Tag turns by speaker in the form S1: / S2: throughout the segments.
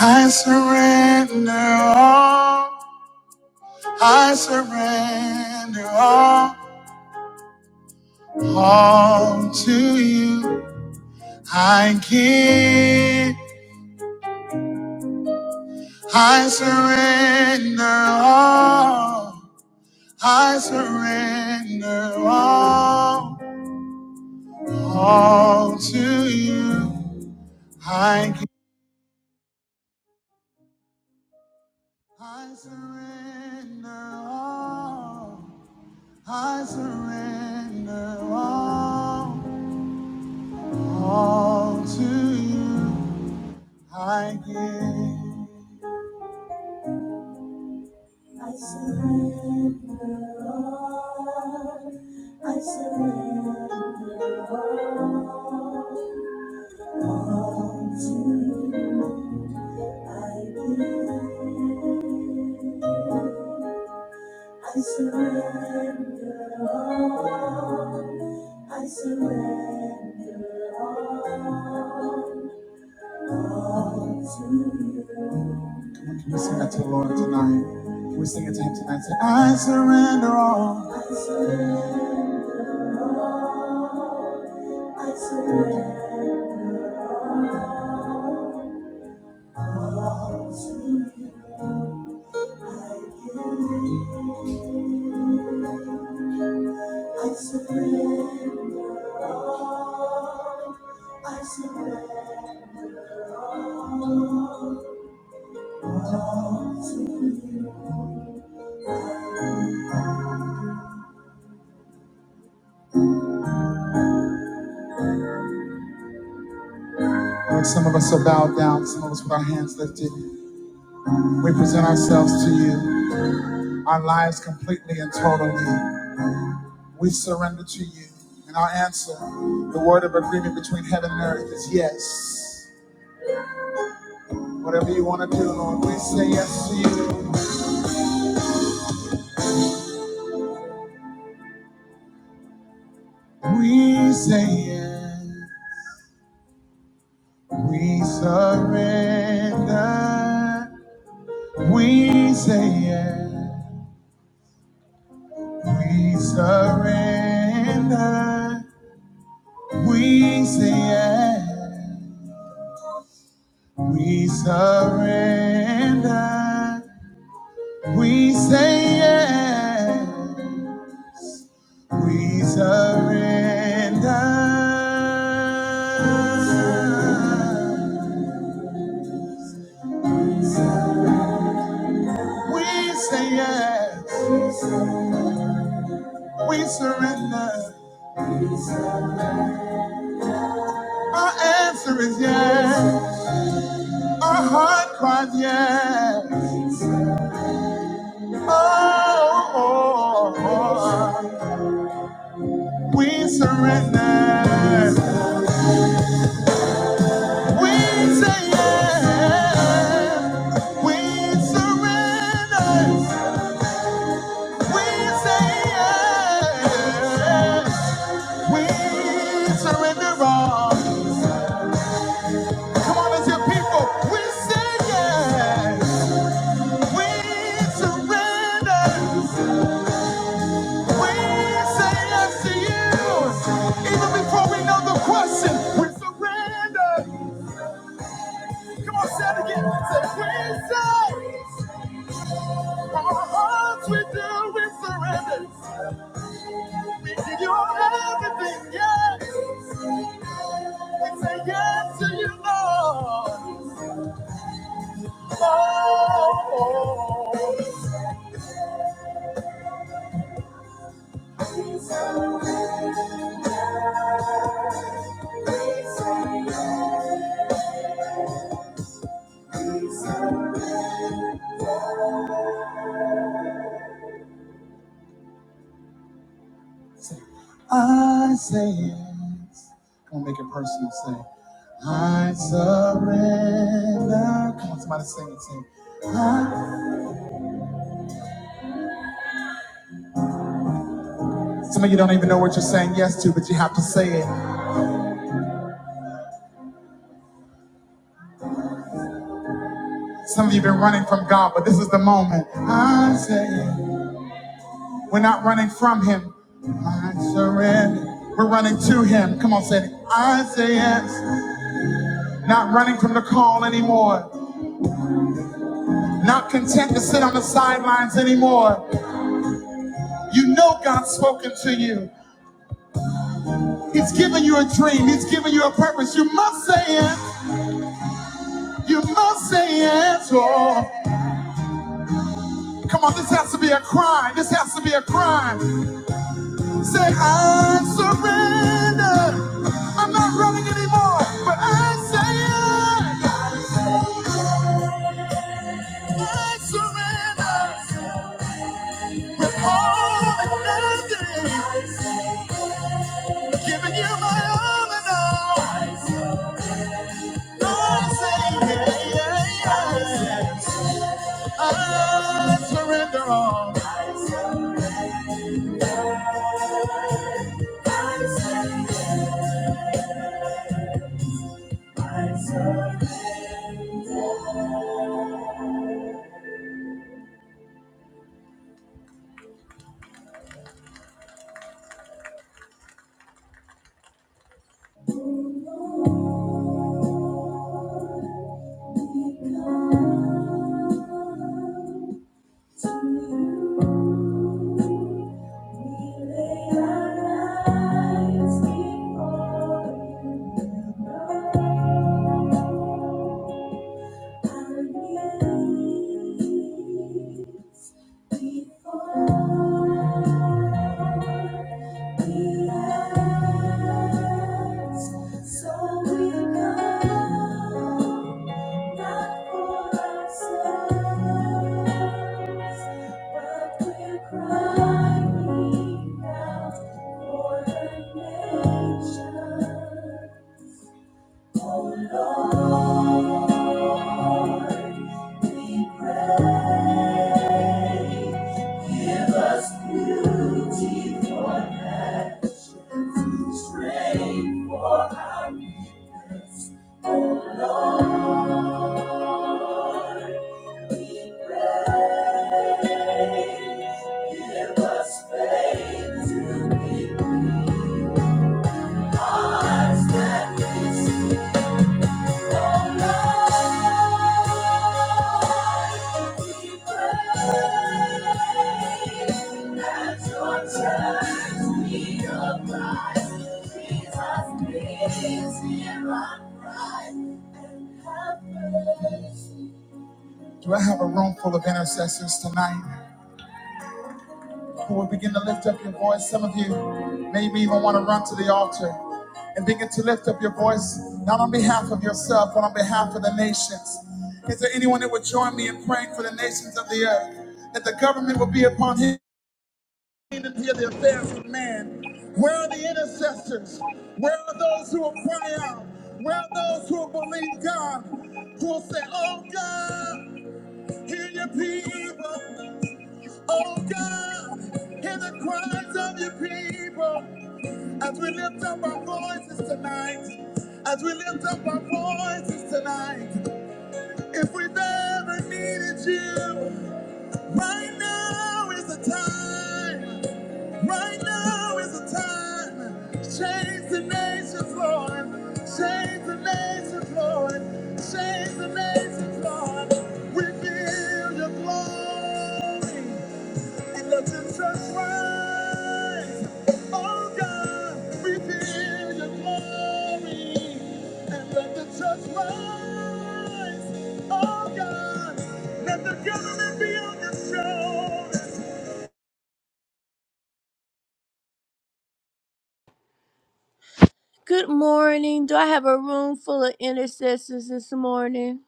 S1: I surrender all. I surrender all, all to you. I give. I surrender all. I surrender all, all to you. I give. I surrender all. I surrender all. All to you I give. All to you, I give. I surrender all. I surrender all All to you. Can we sing that to the Lord tonight? Can we sing it to Him tonight? Say, I surrender all. I surrender. I surrender all to you. I give. I surrender, Lord. I surrender all to you. And some of us are bowed down, some of us with our hands lifted. We present ourselves to you, our lives completely and totally. We surrender to you. And our answer, the word of agreement between heaven and earth, is yes. Whatever you want to do, Lord, we say yes to you. We say yes. We surrender. We say yes, we surrender. We say yes, we surrender. We say yes, we surrender. We say yes, we surrender. Our answer is yes. Our heart cries yes. oh, oh. oh. We surrender. We say yes. We surrender. We say yes. We surrender all. Come on, as your people. We say yes. We surrender. We say yes to you. Even before we know the question, we surrender. Come on, say it again. Say, Wednesday, our hearts we do, we surrender. We give you everything, yes. We say yes to you, Lord. Oh, oh. We surrender, we say yes, we surrender. Say, I say yes. Come on, make it personal. Say, I surrender. Come on, somebody sing it. Sing. I- Some of you don't even know what you're saying yes to, but you have to say it. Some of you have been running from God, but this is the moment. I say it. We're not running from Him. I surrender. We're running to Him. Come on, say it. I say yes. Not running from the call anymore. Not content to sit on the sidelines anymore. You know God's spoken to you. He's given you a dream. He's given you a purpose. You must say it. You must say it. Oh, come on, this has to be a cry. This has to be a cry. Say, I surrender. I'm not running anymore, but I say it. I surrender with all and nothing. Giving you my all, I surrender all. To you we lay our lives before you. Our needs before we ask. So we go. Not for ourselves, but we're crying out for the nation. Oh Lord, Give us beauty for nations, strength for our. Do I have a room full of intercessors tonight? When we begin to lift up your voice, some of you may even want to run to the altar and begin to lift up your voice, not on behalf of yourself, but on behalf of the nations. Is there anyone that would join me in praying for the nations of the earth? That the government will be upon him and hear the affairs of man. Where are the intercessors? Where are those who will cry out? Where are those who will believe God? Who will say, Oh God, hear your people. Oh God, hear the cries of your people as we lift up our voices tonight. As we lift up our voices tonight, if we've ever needed you, right now is the time. Right now is the time. Change the nations, Lord. Change the nations, Lord. Change the nations, Lord. We feel your glory. And let the church the church Good morning. Do I have a room full of intercessors this morning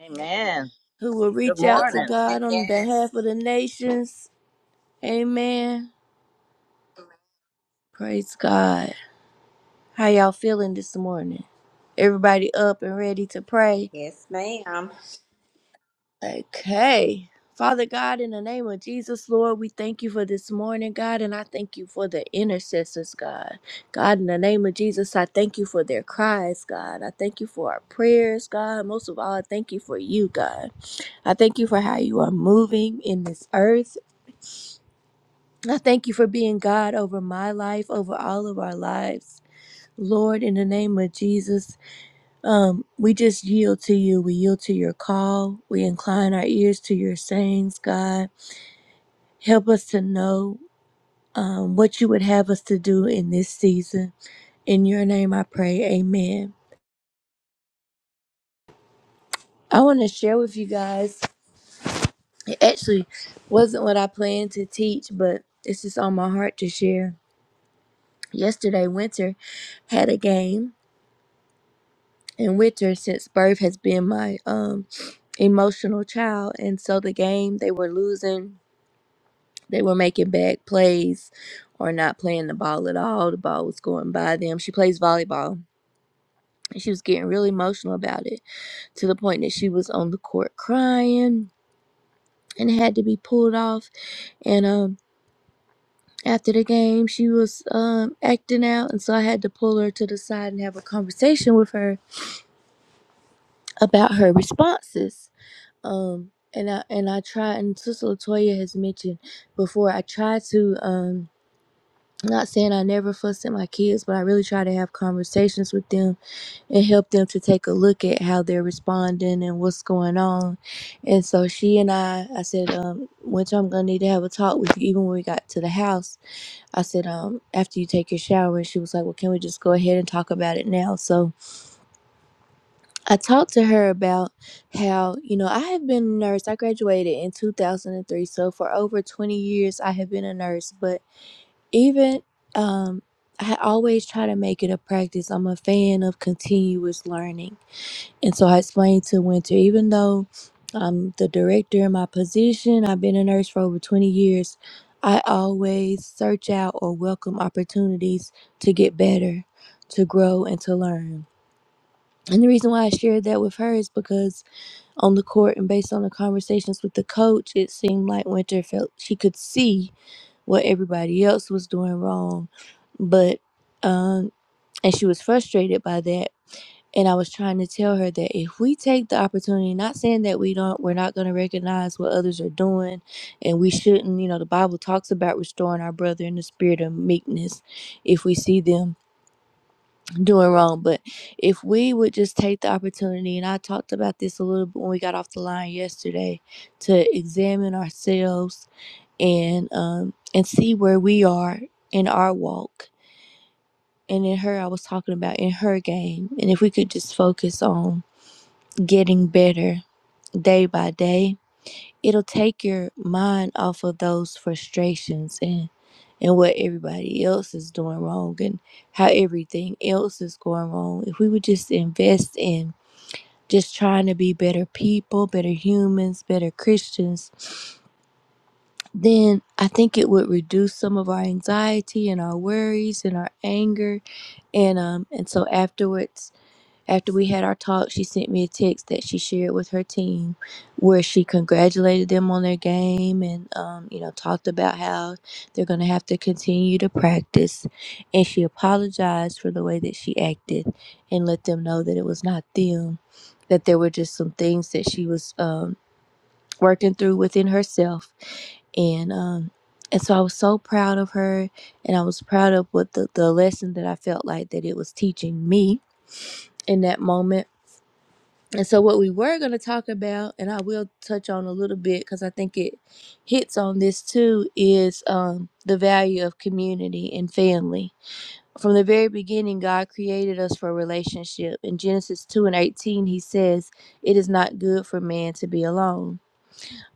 S2: Amen.
S1: who will
S2: Good
S1: reach
S3: Good
S1: out to
S2: morning.
S3: morning.
S1: God on
S3: Yes.
S1: behalf of the nations? Amen. Praise God. How y'all feeling this morning? Everybody up and ready to pray?
S3: Yes, ma'am.
S1: Okay. Father God, in the name of Jesus, Lord, we thank you for this morning, God, and I thank you for the intercessors, God. God, in the name of Jesus, I thank you for their cries, God. I thank you for our prayers, God. Most of all, I thank you for you, God. I thank you for how you are moving in this earth. I thank you for being God over my life, over all of our lives. Lord, in the name of Jesus, um, we just yield to you. We yield to your call. We incline our ears to your sayings, God. Help us to know um, what you would have us to do in this season. In your name I pray. Amen. I want to share with you guys. It actually wasn't what I planned to teach, but it's just on my heart to share. Yesterday, Winter had a game, and Winter, since birth, has been my um, emotional child. And so the game, they were losing They were making bad plays or not playing the ball at all. The ball was going by them. She plays volleyball. and She was getting really emotional about it to the point that she was on the court crying and had to be pulled off. And um, after the game, she was um, acting out. And so I had to pull her to the side and have a conversation with her about her responses. Um, and I and I tried, and Sister Latoya has mentioned before. I tried to. Um, Not saying I never fuss at my kids, but I really try to have conversations with them and help them to take a look at how they're responding and what's going on. And so she and I, I said, um, which I'm gonna need to have a talk with you, even when we got to the house. I said, um, after you take your shower, and she was like, well, can we just go ahead and talk about it now? So I talked to her about how you know I have been a nurse. I graduated in 2003, so for over 20 years I have been a nurse, but even um I always try to make it a practice. I'm a fan of continuous learning. And so I explained to Winter, even though I'm the director in my position, I've been a nurse for over 20 years, I always search out or welcome opportunities to get better, to grow, and to learn. And the reason why I shared that with her is because on the court and based on the conversations with the coach, it seemed like Winter felt she could see what everybody else was doing wrong but um and she was frustrated by that and I was trying to tell her that if we take the opportunity, not saying that we don't, we're not going to recognize what others are doing, and we shouldn't, you know, the Bible talks about restoring our brother in the spirit of meekness if we see them doing wrong. But if we would just take the opportunity, and I talked about this a little bit when we got off the line yesterday, to examine ourselves and um and see where we are in our walk and in her i was talking about in her game and if we could just focus on getting better day by day it'll take your mind off of those frustrations and and what everybody else is doing wrong and how everything else is going wrong if we would just invest in just trying to be better people better humans better christians then I think it would reduce some of our anxiety and our worries and our anger. And um and so afterwards, after we had our talk, she sent me a text that she shared with her team where she congratulated them on their game and um, you know, talked about how they're gonna have to continue to practice and she apologized for the way that she acted and let them know that it was not them. That there were just some things that she was um working through within herself and um and so I was so proud of her and I was proud of what the, the lesson that I felt like that it was teaching me in that moment. And so what we were going to talk about and I will touch on a little bit cuz I think it hits on this too is um the value of community and family. From the very beginning God created us for a relationship. In Genesis 2 and 18 he says, "It is not good for man to be alone."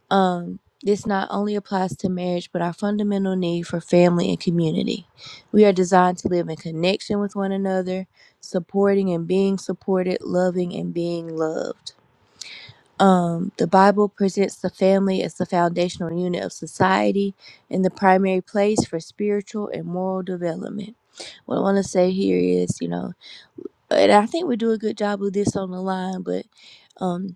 S1: Um, this not only applies to marriage, but our fundamental need for family and community. We are designed to live in connection with one another, supporting and being supported, loving and being loved. Um, the Bible presents the family as the foundational unit of society and the primary place for spiritual and moral development. What I want to say here is, you know, and I think we do a good job with this on the line, but. Um,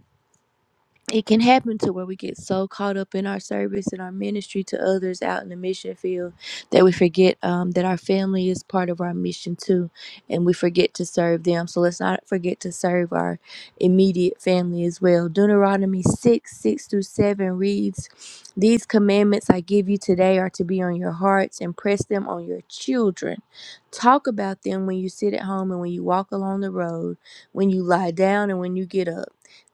S1: it can happen to where we get so caught up in our service and our ministry to others out in the mission field that we forget um, that our family is part of our mission too, and we forget to serve them. So let's not forget to serve our immediate family as well. Deuteronomy 6 6 through 7 reads, These commandments I give you today are to be on your hearts, and press them on your children. Talk about them when you sit at home and when you walk along the road, when you lie down and when you get up.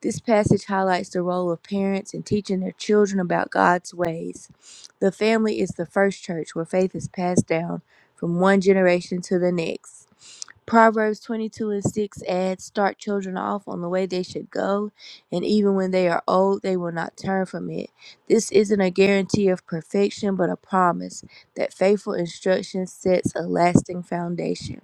S1: This passage highlights the role of parents in teaching their children about God's ways. The family is the first church where faith is passed down from one generation to the next. Proverbs 22 and 6 adds, Start children off on the way they should go, and even when they are old, they will not turn from it. This isn't a guarantee of perfection, but a promise that faithful instruction sets a lasting foundation.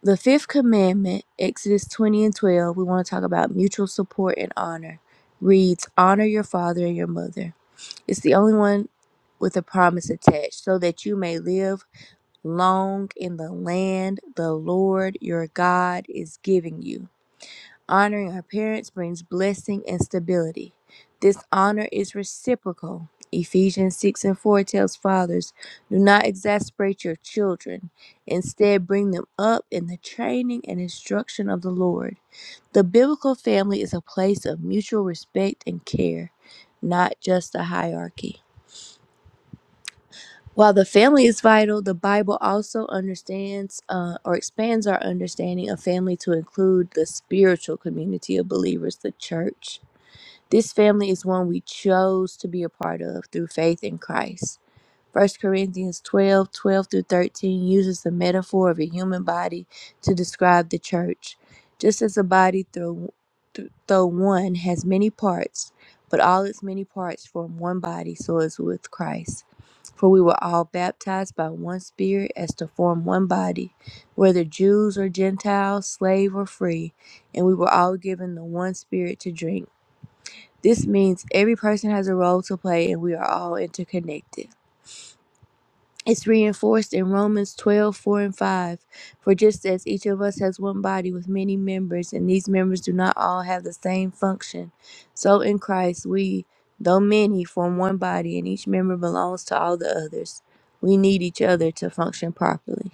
S1: The fifth commandment, Exodus 20 and 12, we want to talk about mutual support and honor. Reads, Honor your father and your mother. It's the only one with a promise attached, so that you may live long in the land the Lord your God is giving you. Honoring our parents brings blessing and stability. This honor is reciprocal. Ephesians 6 and 4 tells fathers, Do not exasperate your children. Instead, bring them up in the training and instruction of the Lord. The biblical family is a place of mutual respect and care, not just a hierarchy. While the family is vital, the Bible also understands uh, or expands our understanding of family to include the spiritual community of believers, the church. This family is one we chose to be a part of through faith in Christ. First Corinthians 12, 12 through 13 uses the metaphor of a human body to describe the church. Just as a body, through, th- though one, has many parts, but all its many parts form one body, so is with Christ. For we were all baptized by one Spirit as to form one body, whether Jews or Gentiles, slave or free, and we were all given the one Spirit to drink. This means every person has a role to play and we are all interconnected. It's reinforced in Romans 12 4 and 5. For just as each of us has one body with many members, and these members do not all have the same function, so in Christ we, though many, form one body, and each member belongs to all the others. We need each other to function properly.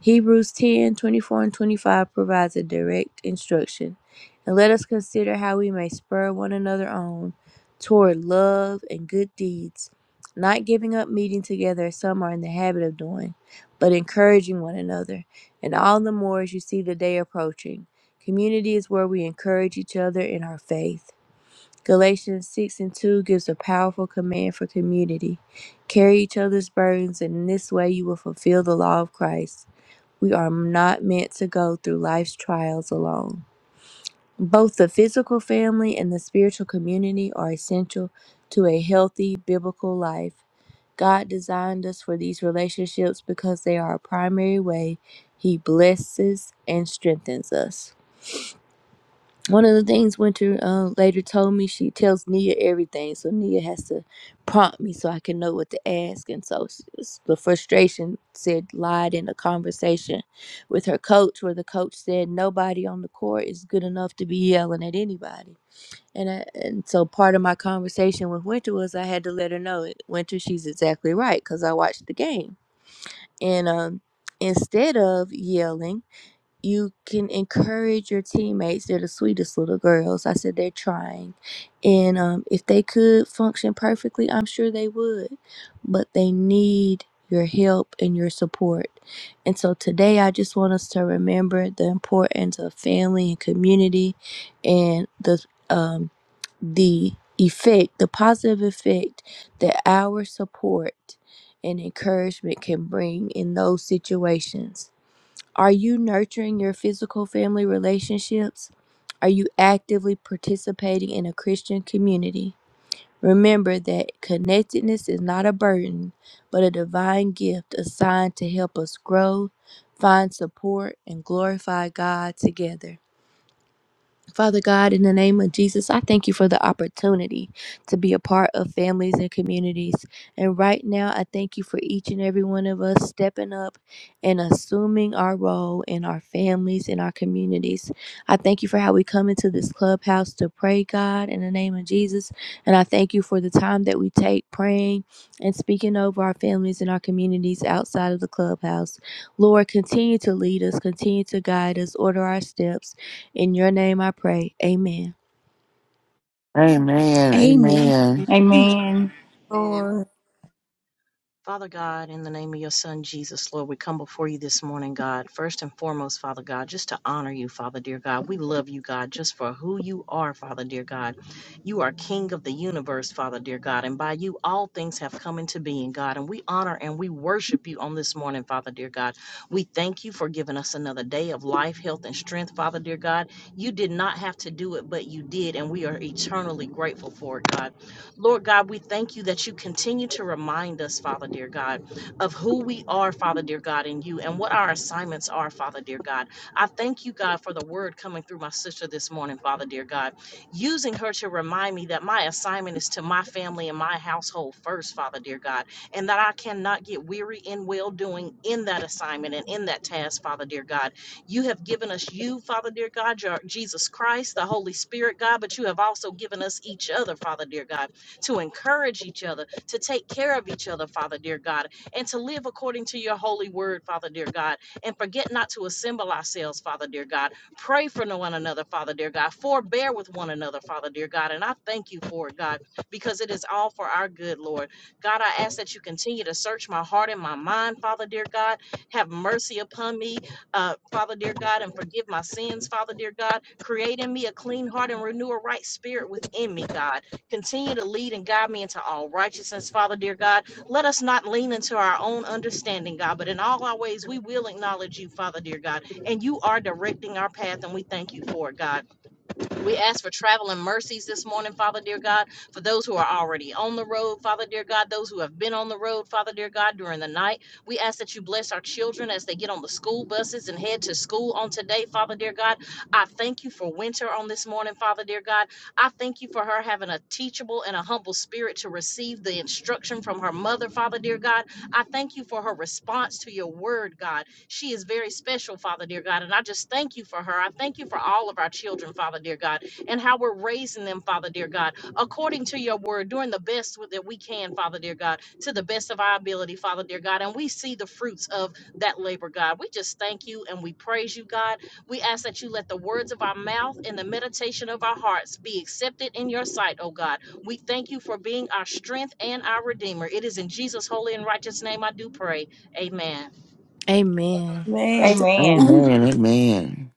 S1: Hebrews 10 24 and 25 provides a direct instruction. And let us consider how we may spur one another on toward love and good deeds, not giving up meeting together as some are in the habit of doing, but encouraging one another, and all the more as you see the day approaching. Community is where we encourage each other in our faith. Galatians 6 and 2 gives a powerful command for community. Carry each other's burdens, and in this way you will fulfill the law of Christ. We are not meant to go through life's trials alone. Both the physical family and the spiritual community are essential to a healthy biblical life. God designed us for these relationships because they are a primary way He blesses and strengthens us one of the things Winter uh, later told me, she tells Nia everything, so Nia has to prompt me so I can know what to ask. And so s- s- the frustration said lied in a conversation with her coach, where the coach said nobody on the court is good enough to be yelling at anybody. And I, and so part of my conversation with Winter was I had to let her know, "Eh, Winter, she's exactly right because I watched the game. And um, instead of yelling you can encourage your teammates. They're the sweetest little girls. I said they're trying. And um, if they could function perfectly, I'm sure they would. But they need your help and your support. And so today, I just want us to remember the importance of family and community and the, um, the effect, the positive effect that our support and encouragement can bring in those situations are you nurturing your physical family relationships? Are you actively participating in a Christian community? Remember that connectedness is not a burden, but a divine gift assigned to help us grow, find support, and glorify God together. Father God, in the name of Jesus, I thank you for the opportunity to be a part of families and communities. And right now, I thank you for each and every one of us stepping up and assuming our role in our families and our communities. I thank you for how we come into this clubhouse to pray, God, in the name of Jesus. And I thank you for the time that we take praying and speaking over our families and our communities outside of the clubhouse. Lord, continue to lead us, continue to guide us, order our steps in your name I pray. Amen.
S4: Amen.
S5: Amen.
S4: Amen.
S6: Amen.
S3: Amen.
S7: Lord.
S2: Father God, in the name of your son Jesus, Lord, we come before you this morning, God. First and foremost, Father God, just to honor you, Father dear God. We love you, God, just for who you are, Father dear God. You are King of the universe, Father dear God, and by you all things have come into being, God. And we honor and we worship you on this morning, Father dear God. We thank you for giving us another day of life, health, and strength, Father dear God. You did not have to do it, but you did, and we are eternally grateful for it, God. Lord God, we thank you that you continue to remind us, Father dear God, of who we are, Father dear God, in you and what our assignments are, Father dear God. I thank you, God, for the word coming through my sister this morning, Father dear God, using her to remind me that my assignment is to my family and my household first, Father dear God, and that I cannot get weary in well doing in that assignment and in that task, Father dear God. You have given us you, Father dear God, your Jesus Christ, the Holy Spirit, God, but you have also given us each other, Father dear God to encourage each other, to take care of each other, Father dear God, and to live according to your holy word, Father dear God, and forget not to assemble ourselves, Father dear God. Pray for no one another, Father dear God. Forbear with one another, Father dear God. And I thank you for it, God, because it is all for our good, Lord. God, I ask that you continue to search my heart and my mind, Father dear God. Have mercy upon me, uh, Father dear God, and forgive my sins, Father dear God. Create in me a clean heart and renew a right spirit within me, God. Continue to lead and guide me into all righteousness, Father, dear God. Let us not lean into our own understanding, God, but in all our ways, we will acknowledge you, Father, dear God. And you are directing our path, and we thank you for it, God. We ask for traveling mercies this morning, Father dear God, for those who are already on the road, Father dear God, those who have been on the road, Father dear God, during the night. We ask that you bless our children as they get on the school buses and head to school on today, Father dear God. I thank you for winter on this morning, Father dear God. I thank you for her having a teachable and a humble spirit to receive the instruction from her mother, Father dear God. I thank you for her response to your word, God. She is very special, Father dear God. And I just thank you for her. I thank you for all of our children, Father dear God, and how we're raising them, Father dear God, according to your word, doing the best that we can, Father dear God, to the best of our ability, Father dear God. And we see the fruits of that labor, God. We just thank you and we praise you, God. We ask that you let the words of our mouth and the meditation of our hearts be accepted in your sight, oh God. We thank you for being our strength and our redeemer. It is in Jesus' holy and righteous name I do pray. Amen.
S1: Amen.
S7: Man,
S6: Amen.
S5: Amen.
S4: Amen. Amen.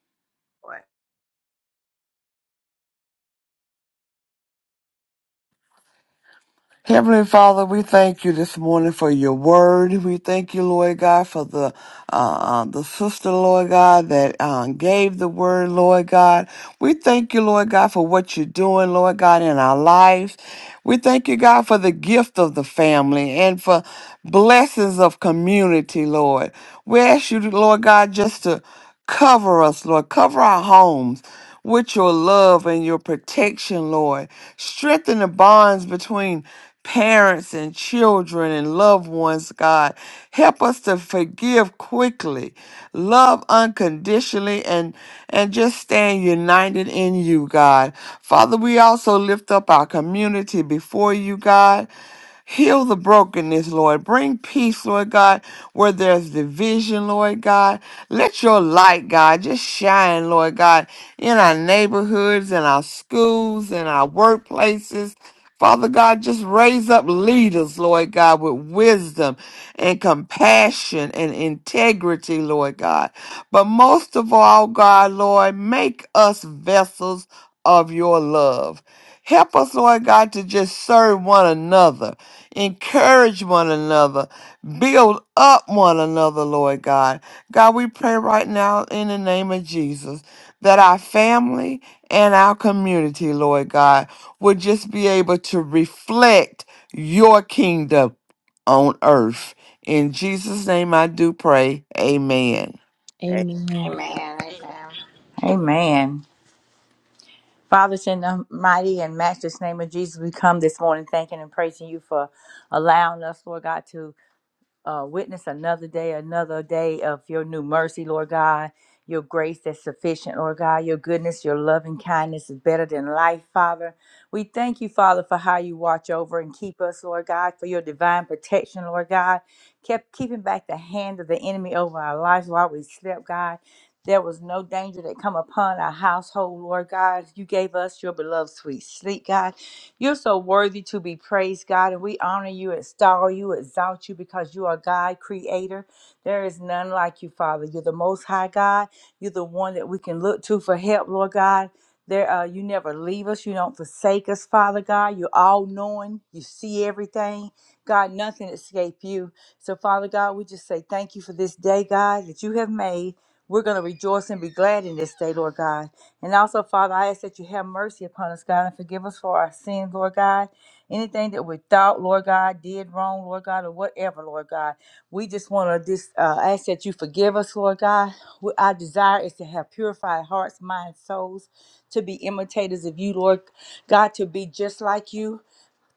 S4: Heavenly Father, we thank you this morning for your word. We thank you, Lord God, for the uh, uh, the sister, Lord God, that uh, gave the word, Lord God. We thank you, Lord God, for what you're doing, Lord God, in our lives. We thank you, God, for the gift of the family and for blessings of community, Lord. We ask you, Lord God, just to cover us, Lord. Cover our homes with your love and your protection, Lord. Strengthen the bonds between parents and children and loved ones, God. Help us to forgive quickly, love unconditionally, and, and just stand united in you, God. Father, we also lift up our community before you, God. Heal the brokenness, Lord. Bring peace, Lord God, where there's division, Lord God. Let your light, God, just shine, Lord God, in our neighborhoods, in our schools, in our workplaces. Father God, just raise up leaders, Lord God, with wisdom and compassion and integrity, Lord God. But most of all, God, Lord, make us vessels of your love. Help us, Lord God, to just serve one another encourage one another, build up one another, Lord God. God, we pray right now in the name of Jesus that our family and our community, Lord God, would just be able to reflect your kingdom on earth. In Jesus' name I do pray. Amen.
S1: Amen.
S3: Amen. Amen.
S2: Amen.
S6: Amen. Father, it's in the mighty and matchless name of Jesus, we come this morning thanking and praising you for allowing us, Lord God, to uh, witness another day, another day of your new mercy, Lord God, your grace that's sufficient, Lord God, your goodness, your loving kindness is better than life, Father. We thank you, Father, for how you watch over and keep us, Lord God, for your divine protection, Lord God. Kept keeping back the hand of the enemy over our lives while we slept, God. There was no danger that come upon our household, Lord God. You gave us your beloved sweet sleep, God. You're so worthy to be praised, God, and we honor you, extol you, exalt you because you are God, creator. There is none like you, Father. You're the most high God. You're the one that we can look to for help, Lord God. There, uh, you never leave us. You don't forsake us, Father God. You're all knowing. You see everything. God, nothing escape you. So, Father God, we just say thank you for this day, God, that you have made. We're going to rejoice and be glad in this day, Lord God. And also, Father, I ask that you have mercy upon us, God, and forgive us for our sins, Lord God. Anything that we thought, Lord God, did wrong, Lord God, or whatever, Lord God. We just want to just uh, ask that you forgive us, Lord God. We, our desire is to have purified hearts, minds, souls, to be imitators of you, Lord God, to be just like you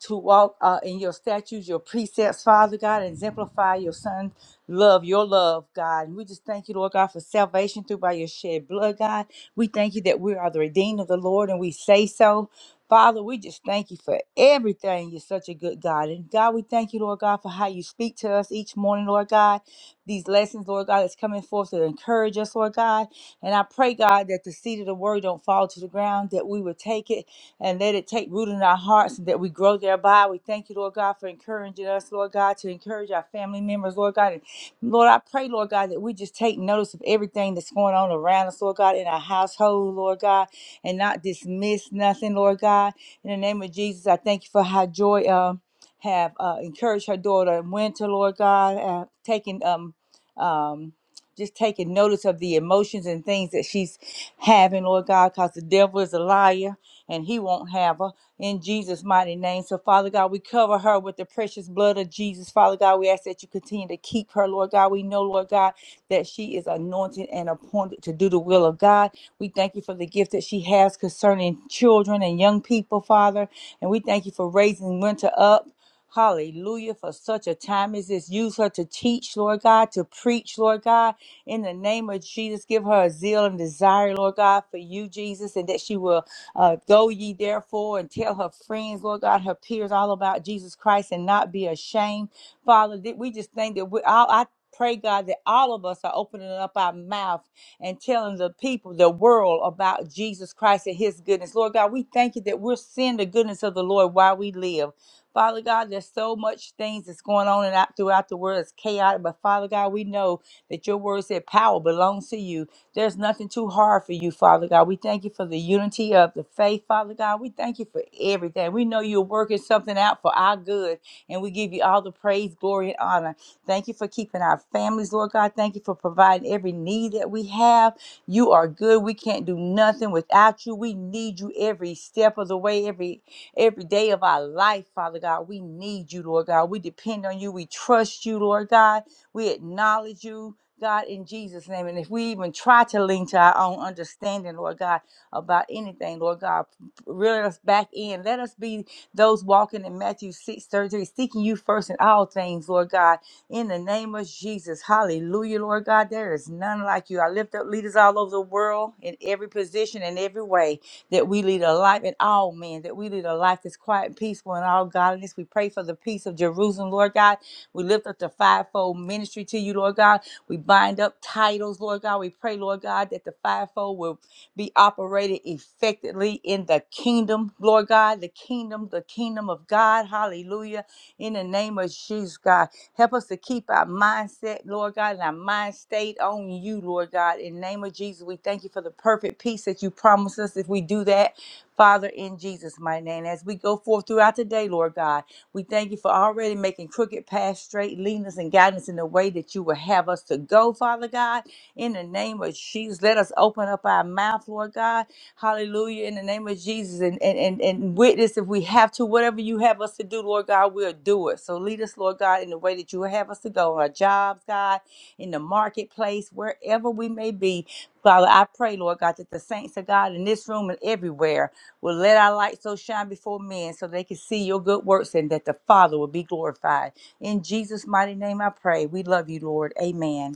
S6: to walk uh, in your statutes, your precepts, Father God, and exemplify your Son love, your love, God. And we just thank you, Lord God, for salvation through by your shed blood, God. We thank you that we are the redeemed of the Lord, and we say so. Father, we just thank you for everything. You're such a good God. And God, we thank you, Lord God, for how you speak to us each morning, Lord God. These lessons, Lord God, that's coming forth to encourage us, Lord God. And I pray, God, that the seed of the word don't fall to the ground, that we would take it and let it take root in our hearts that we grow thereby. We thank you, Lord God, for encouraging us, Lord God, to encourage our family members, Lord God. And Lord, I pray, Lord God, that we just take notice of everything that's going on around us, Lord God, in our household, Lord God, and not dismiss nothing, Lord God. In the name of Jesus, I thank you for how joy um have uh, encouraged her daughter Winter, Lord God, uh, taking um um just taking notice of the emotions and things that she's having, Lord God, because the devil is a liar and he won't have her in Jesus' mighty name. So, Father God, we cover her with the precious blood of Jesus. Father God, we ask that you continue to keep her, Lord God. We know, Lord God, that she is anointed and appointed to do the will of God. We thank you for the gift that she has concerning children and young people, Father. And we thank you for raising Winter up. Hallelujah. For such a time as this, use her to teach, Lord God, to preach, Lord God. In the name of Jesus, give her a zeal and desire, Lord God, for you, Jesus, and that she will uh, go ye therefore and tell her friends, Lord God, her peers, all about Jesus Christ and not be ashamed. Father, we just think that we all, I pray, God, that all of us are opening up our mouth and telling the people, the world about Jesus Christ and his goodness. Lord God, we thank you that we're seeing the goodness of the Lord while we live. Father God, there's so much things that's going on and out throughout the world. It's chaotic, but Father God, we know that your word said power belongs to you. There's nothing too hard for you, Father God. We thank you for the unity of the faith, Father God. We thank you for everything. We know you're working something out for our good, and we give you all the praise, glory, and honor. Thank you for keeping our families, Lord God. Thank you for providing every need that we have. You are good. We can't do nothing without you. We need you every step of the way, every every day of our life, Father God. We need you, Lord God. We depend on you. We trust you, Lord God. We acknowledge you. God, in Jesus' name. And if we even try to lean to our own understanding, Lord God, about anything, Lord God, reel us back in. Let us be those walking in Matthew 6 thirty-three, seeking you first in all things, Lord God, in the name of Jesus. Hallelujah, Lord God. There is none like you. I lift up leaders all over the world in every position and every way that we lead a life in all men, that we lead a life that's quiet and peaceful in all godliness. We pray for the peace of Jerusalem, Lord God. We lift up the fivefold ministry to you, Lord God. We bind up titles, Lord God. We pray, Lord God, that the fivefold will be operated effectively in the kingdom, Lord God, the kingdom, the kingdom of God. Hallelujah. In the name of Jesus, God. Help us to keep our mindset, Lord God, and our mind state on you, Lord God. In the name of Jesus, we thank you for the perfect peace that you promise us if we do that, Father, in Jesus' mighty name. As we go forth throughout the day, Lord God. We thank you for already making crooked paths straight, leading us and guiding us in the way that you will have us to go, Father God. In the name of Jesus, let us open up our mouth, Lord God. Hallelujah. In the name of Jesus, and, and, and, and witness if we have to, whatever you have us to do, Lord God, we'll do it. So lead us, Lord God, in the way that you will have us to go, on our jobs, God, in the marketplace, wherever we may be. Father, I pray, Lord God, that the saints of God in this room and everywhere well, let our light so shine before men so they can see your good works and that the Father will be glorified. In Jesus' mighty name I pray. We love you, Lord. Amen.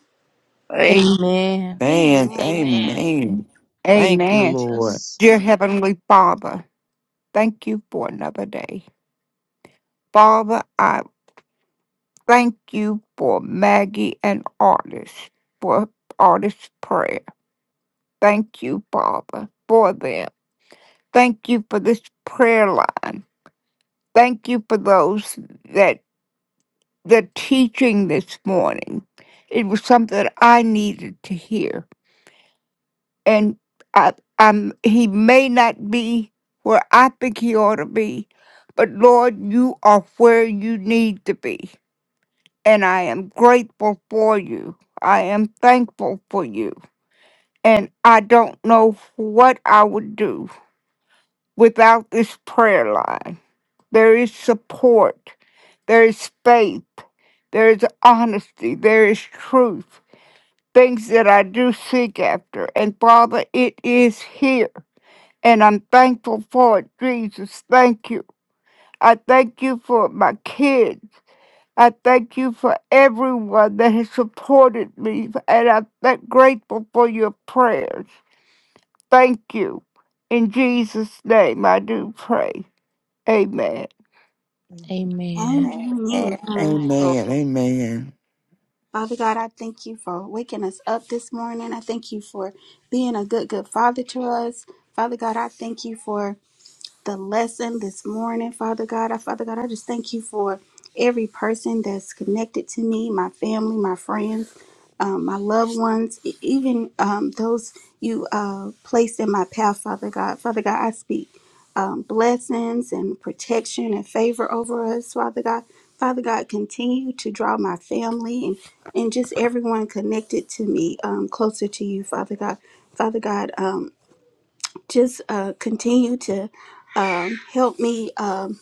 S7: thank you.
S1: Amen.
S4: Man,
S5: Amen.
S3: Amen.
S2: Amen.
S3: Amen.
S4: amen.
S2: Thank
S4: Thank
S2: you,
S4: you,
S8: Amen.
S4: Lord.
S2: Jesus.
S8: Dear Heavenly Father, thank you for another day. Father, I thank you for Maggie and Artist, for Artist's prayer. Thank you, Father, for them. Thank you for this prayer line. Thank you for those that the teaching this morning. It was something that I needed to hear. and I, I'm he may not be where I think he ought to be, but Lord, you are where you need to be, and I am grateful for you. I am thankful for you, and I don't know what I would do without this prayer line. There is support, there is faith, there is honesty, there is truth. Things that I do seek after. And Father, it is here. and I'm thankful for it, Jesus. Thank you. I thank you for my kids. I thank you for everyone that has supported me, and I'm that grateful for your prayers. Thank you. In Jesus' name, I do pray. Amen.
S1: Amen. Amen.
S3: Amen.
S7: Amen. Thank
S5: Amen.
S7: you,
S4: Amen. Amen.
S5: Father God, I thank you for waking us up this morning. I thank you for being a good, good father to us. Father God, I thank you for the lesson this morning, Father God. I, Father God, I just thank you for every person that's connected to me, my family, my friends, um, my loved ones, e- even um, those you uh, placed in my path, Father God. Father God, I speak um, blessings and protection and favor over us, Father God. Father God, continue to draw my family and, and just everyone connected to me um, closer to you, Father God. Father God, um, just uh, continue to um, help me. Um,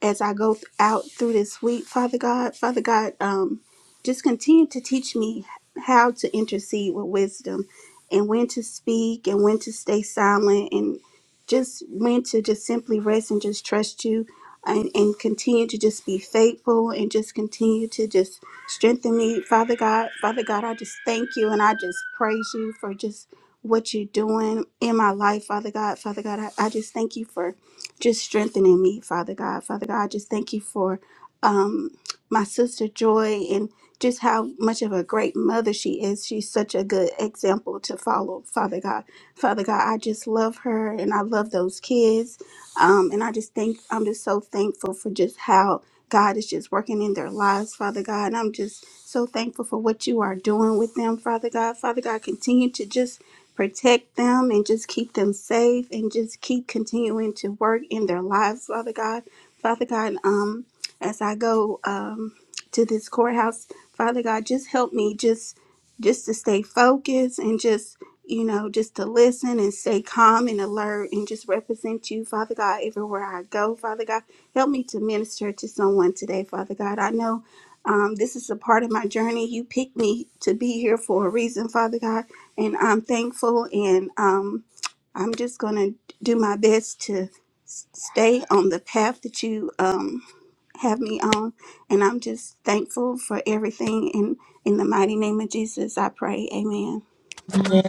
S5: as I go th- out through this week, Father God, Father God, um, just continue to teach me how to intercede with wisdom and when to speak and when to stay silent and just when to just simply rest and just trust you and, and continue to just be faithful and just continue to just strengthen me, Father God. Father God, I just thank you and I just praise you for just what you're doing in my life, Father God. Father God, I, I just thank you for just strengthening me, Father God. Father God, I just thank you for um, my sister Joy and just how much of a great mother she is. She's such a good example to follow, Father God. Father God, I just love her and I love those kids. Um, and I just think I'm just so thankful for just how God is just working in their lives, Father God. And I'm just so thankful for what you are doing with them, Father God. Father God, continue to just protect them and just keep them safe and just keep continuing to work in their lives, Father God. Father God, um, as I go um, to this courthouse, Father God, just help me just just to stay focused and just you know just to listen and stay calm and alert and just represent you father god everywhere i go father god help me to minister to someone today father god i know um, this is a part of my journey. You picked me to be here for a reason, Father God, and I'm thankful. And um, I'm just going to do my best to s- stay on the path that you um, have me on. And I'm just thankful for everything. And in the mighty name of Jesus, I pray. Amen.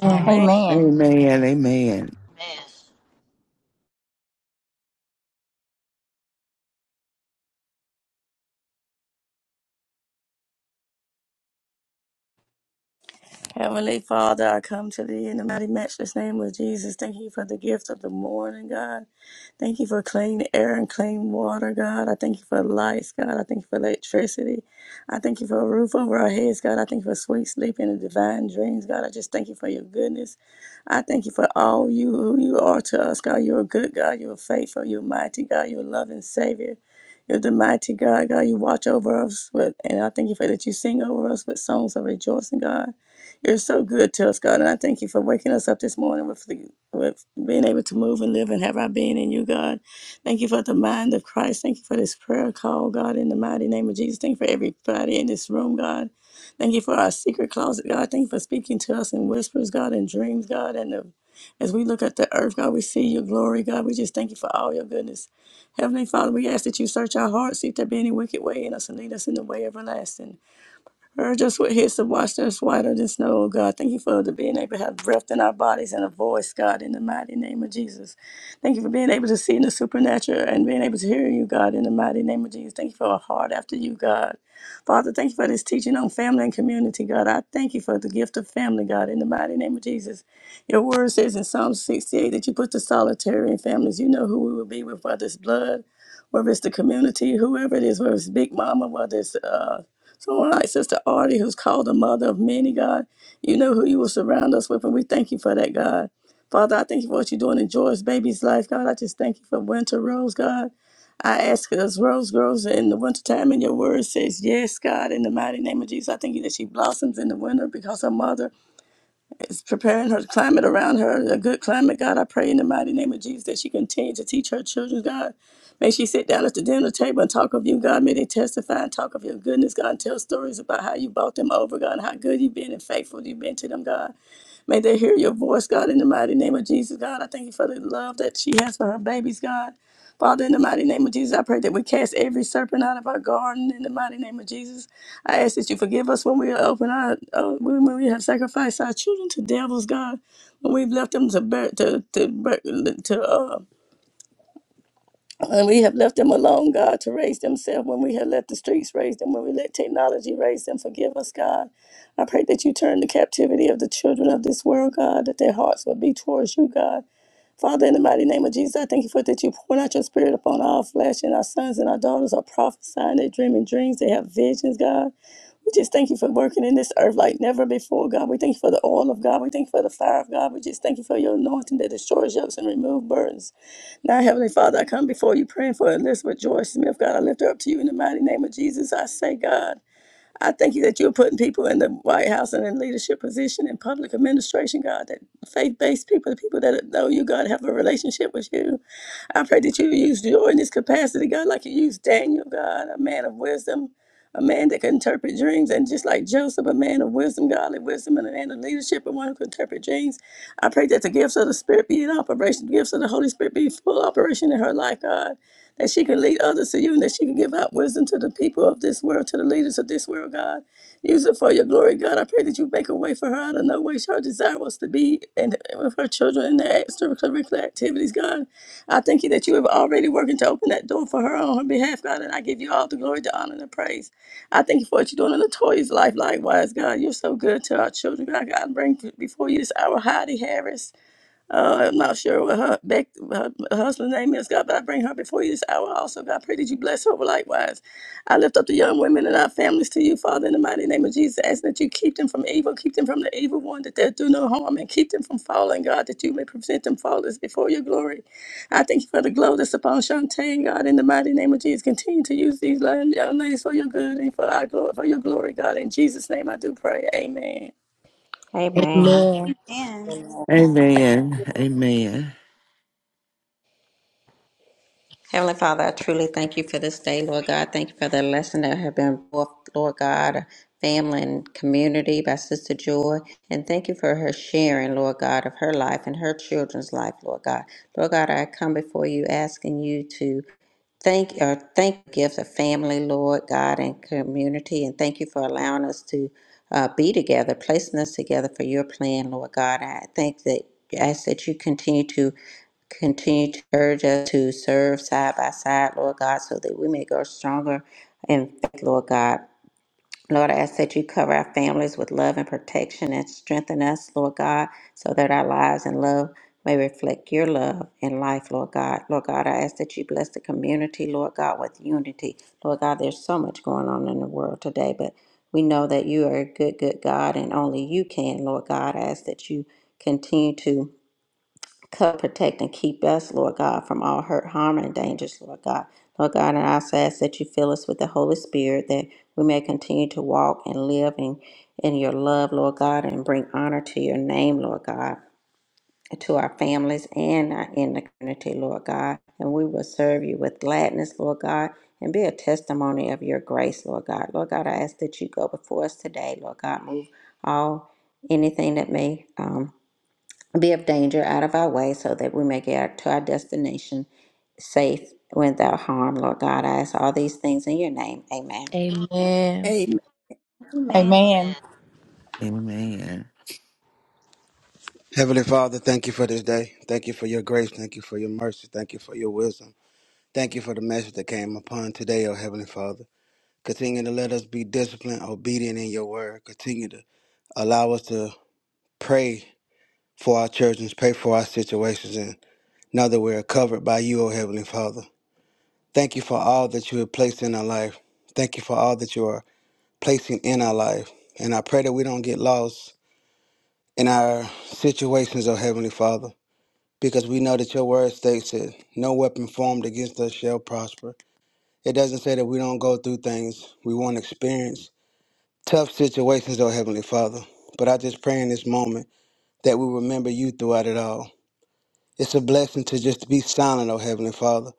S7: Lord.
S6: Amen.
S4: Amen. Amen.
S2: Amen.
S7: Heavenly Father, I come to thee in the mighty matchless name of Jesus. Thank you for the gift of the morning, God. Thank you for clean air and clean water, God. I thank you for lights, God. I thank you for electricity. I thank you for a roof over our heads, God. I thank you for sweet sleep and the divine dreams, God. I just thank you for your goodness. I thank you for all you who you are to us, God. You're a good God. You're faithful. You're mighty, God. You're a loving Savior. You're the mighty God, God. You watch over us with, and I thank you for that. You sing over us with songs of rejoicing, God. You're so good to us, God, and I thank you for waking us up this morning with the, with being able to move and live and have our being in you, God. Thank you for the mind of Christ. Thank you for this prayer call, God, in the mighty name of Jesus. Thank you for everybody in this room, God. Thank you for our secret closet, God. Thank you for speaking to us in whispers, God, and dreams, God, and the as we look at the earth, God, we see your glory, God. We just thank you for all your goodness. Heavenly Father, we ask that you search our hearts, see if there be any wicked way in us, and lead us in the way everlasting. Or just with his to wash us whiter than snow, oh God. Thank you for the being able to have breath in our bodies and a voice, God, in the mighty name of Jesus. Thank you for being able to see in the supernatural and being able to hear you, God, in the mighty name of Jesus. Thank you for a heart after you, God. Father, thank you for this teaching on family and community, God. I thank you for the gift of family, God, in the mighty name of Jesus. Your word says in Psalm 68 that you put the solitary in families. You know who we will be with, whether it's blood, whether it's the community, whoever it is, whether it's Big Mama, whether it's uh, so, all right, Sister Artie, who's called the mother of many, God, you know who you will surround us with, and we thank you for that, God. Father, I thank you for what you're doing in Joy's baby's life, God. I just thank you for Winter Rose, God. I ask as Rose grows in the wintertime, and your word says, Yes, God, in the mighty name of Jesus. I thank you that she blossoms in the winter because her mother is preparing her climate around her, a good climate, God. I pray in the mighty name of Jesus that she continue to teach her children, God. May she sit down at the dinner table and talk of you, God. May they testify and talk of your goodness, God, and tell stories about how you brought them over, God, and how good you've been and faithful you've been to them, God. May they hear your voice, God, in the mighty name of Jesus, God. I thank you for the love that she has for her babies, God. Father, in the mighty name of Jesus, I pray that we cast every serpent out of our garden. In the mighty name of Jesus, I ask that you forgive us when we open our, uh, when we have sacrificed our children to devils, God, when we've left them to bear, to to bear- to uh, and we have left them alone, God, to raise themselves when we have let the streets raise them, when we let technology raise them. Forgive us, God. I pray that you turn the captivity of the children of this world, God, that their hearts will be towards you, God. Father, in the mighty name of Jesus, I thank you for that you pour out your spirit upon all flesh, and our sons and our daughters are prophesying, they're dreaming dreams, they have visions, God. We just thank you for working in this earth like never before, God. We thank you for the oil of God. We thank you for the fire of God. We just thank you for your anointing that destroys yokes and removes burdens. Now, Heavenly Father, I come before you praying for Elizabeth Joy Smith. God, I lift her up to you in the mighty name of Jesus. I say, God, I thank you that you're putting people in the White House and in leadership position in public administration, God, that faith based people, the people that know you, God, have a relationship with you. I pray that you use joy in this capacity, God, like you used Daniel, God, a man of wisdom a man that can interpret dreams, and just like Joseph, a man of wisdom, godly wisdom, and a man of leadership, and one who can interpret dreams. I pray that the gifts of the Spirit be in operation, the gifts of the Holy Spirit be full operation in her life, God, that she can lead others to you, and that she can give out wisdom to the people of this world, to the leaders of this world, God. Use it for your glory, God. I pray that you make a way for her out of no way. Her desire was to be and with her children in their extracurricular activities, God. I thank you that you have already working to open that door for her on her behalf, God, and I give you all the glory, the honor, and the praise. I thank you for what you're doing in Latoya's life. Likewise, God, you're so good to our children. God, God, I bring before you this hour Heidi Harris. Uh, I'm not sure what her, Beck, her husband's name is, God, but I bring her before you this hour also. God, I pray that you bless her likewise. I lift up the young women and our families to you, Father, in the mighty name of Jesus, asking that you keep them from evil, keep them from the evil one, that they'll do no harm, and keep them from falling, God, that you may present them faultless before your glory. I thank you for the glow that's upon Shantae, God, in the mighty name of Jesus. Continue to use these young young ladies for your good and for, our glory, for your glory, God. In Jesus' name I do pray. Amen.
S3: Amen.
S1: Amen.
S5: Amen.
S3: Amen.
S4: Amen. Amen.
S3: Heavenly Father, I truly thank you for this day, Lord God. Thank you for the lesson that have been brought, Lord God, family and community by Sister Joy. And thank you for her sharing, Lord God, of her life and her children's life, Lord God. Lord God, I come before you asking you to Thank or thank gifts of family, Lord God, and community, and thank you for allowing us to uh, be together, placing us together for your plan, Lord God. I think that ask that you continue to continue to urge us to serve side by side, Lord God, so that we may grow stronger in faith, Lord God. Lord, I ask that you cover our families with love and protection and strengthen us, Lord God, so that our lives and love may reflect your love and life, Lord God. Lord God, I ask that you bless the community, Lord God, with unity. Lord God, there's so much going on in the world today, but we know that you are a good, good God and only you can, Lord God. I ask that you continue to. Cover, protect, and keep us, Lord God, from all hurt, harm, and dangers, Lord God. Lord God, and I also ask that you fill us with the Holy Spirit that we may continue to walk and live in, in your love, Lord God, and bring honor to your name, Lord God, and to our families and our- in the community, Lord God. And we will serve you with gladness, Lord God, and be a testimony of your grace, Lord God. Lord God, I ask that you go before us today, Lord God. Move all anything that may. Um, be of danger out of our way so that we may get to our destination safe without harm. Lord God, I ask all these things in your name. Amen.
S1: Amen.
S7: Amen.
S5: Amen.
S6: Amen.
S2: Amen.
S4: Amen.
S9: Heavenly Father, thank you for this day. Thank you for your grace. Thank you for your mercy. Thank you for your wisdom. Thank you for the message that came upon today, oh Heavenly Father. Continue to let us be disciplined, obedient in your word. Continue to allow us to pray for our children, pray for our situations, and know that we are covered by you, oh Heavenly Father. Thank you for all that you have placed in our life. Thank you for all that you are placing in our life. And I pray that we don't get lost in our situations, oh Heavenly Father. because we know that your word states it no weapon formed against us shall prosper. It doesn't say that we don't go through things, we won't experience tough situations, oh Heavenly Father. But I just pray in this moment that we remember you throughout it all. It's a blessing to just be silent, oh Heavenly Father,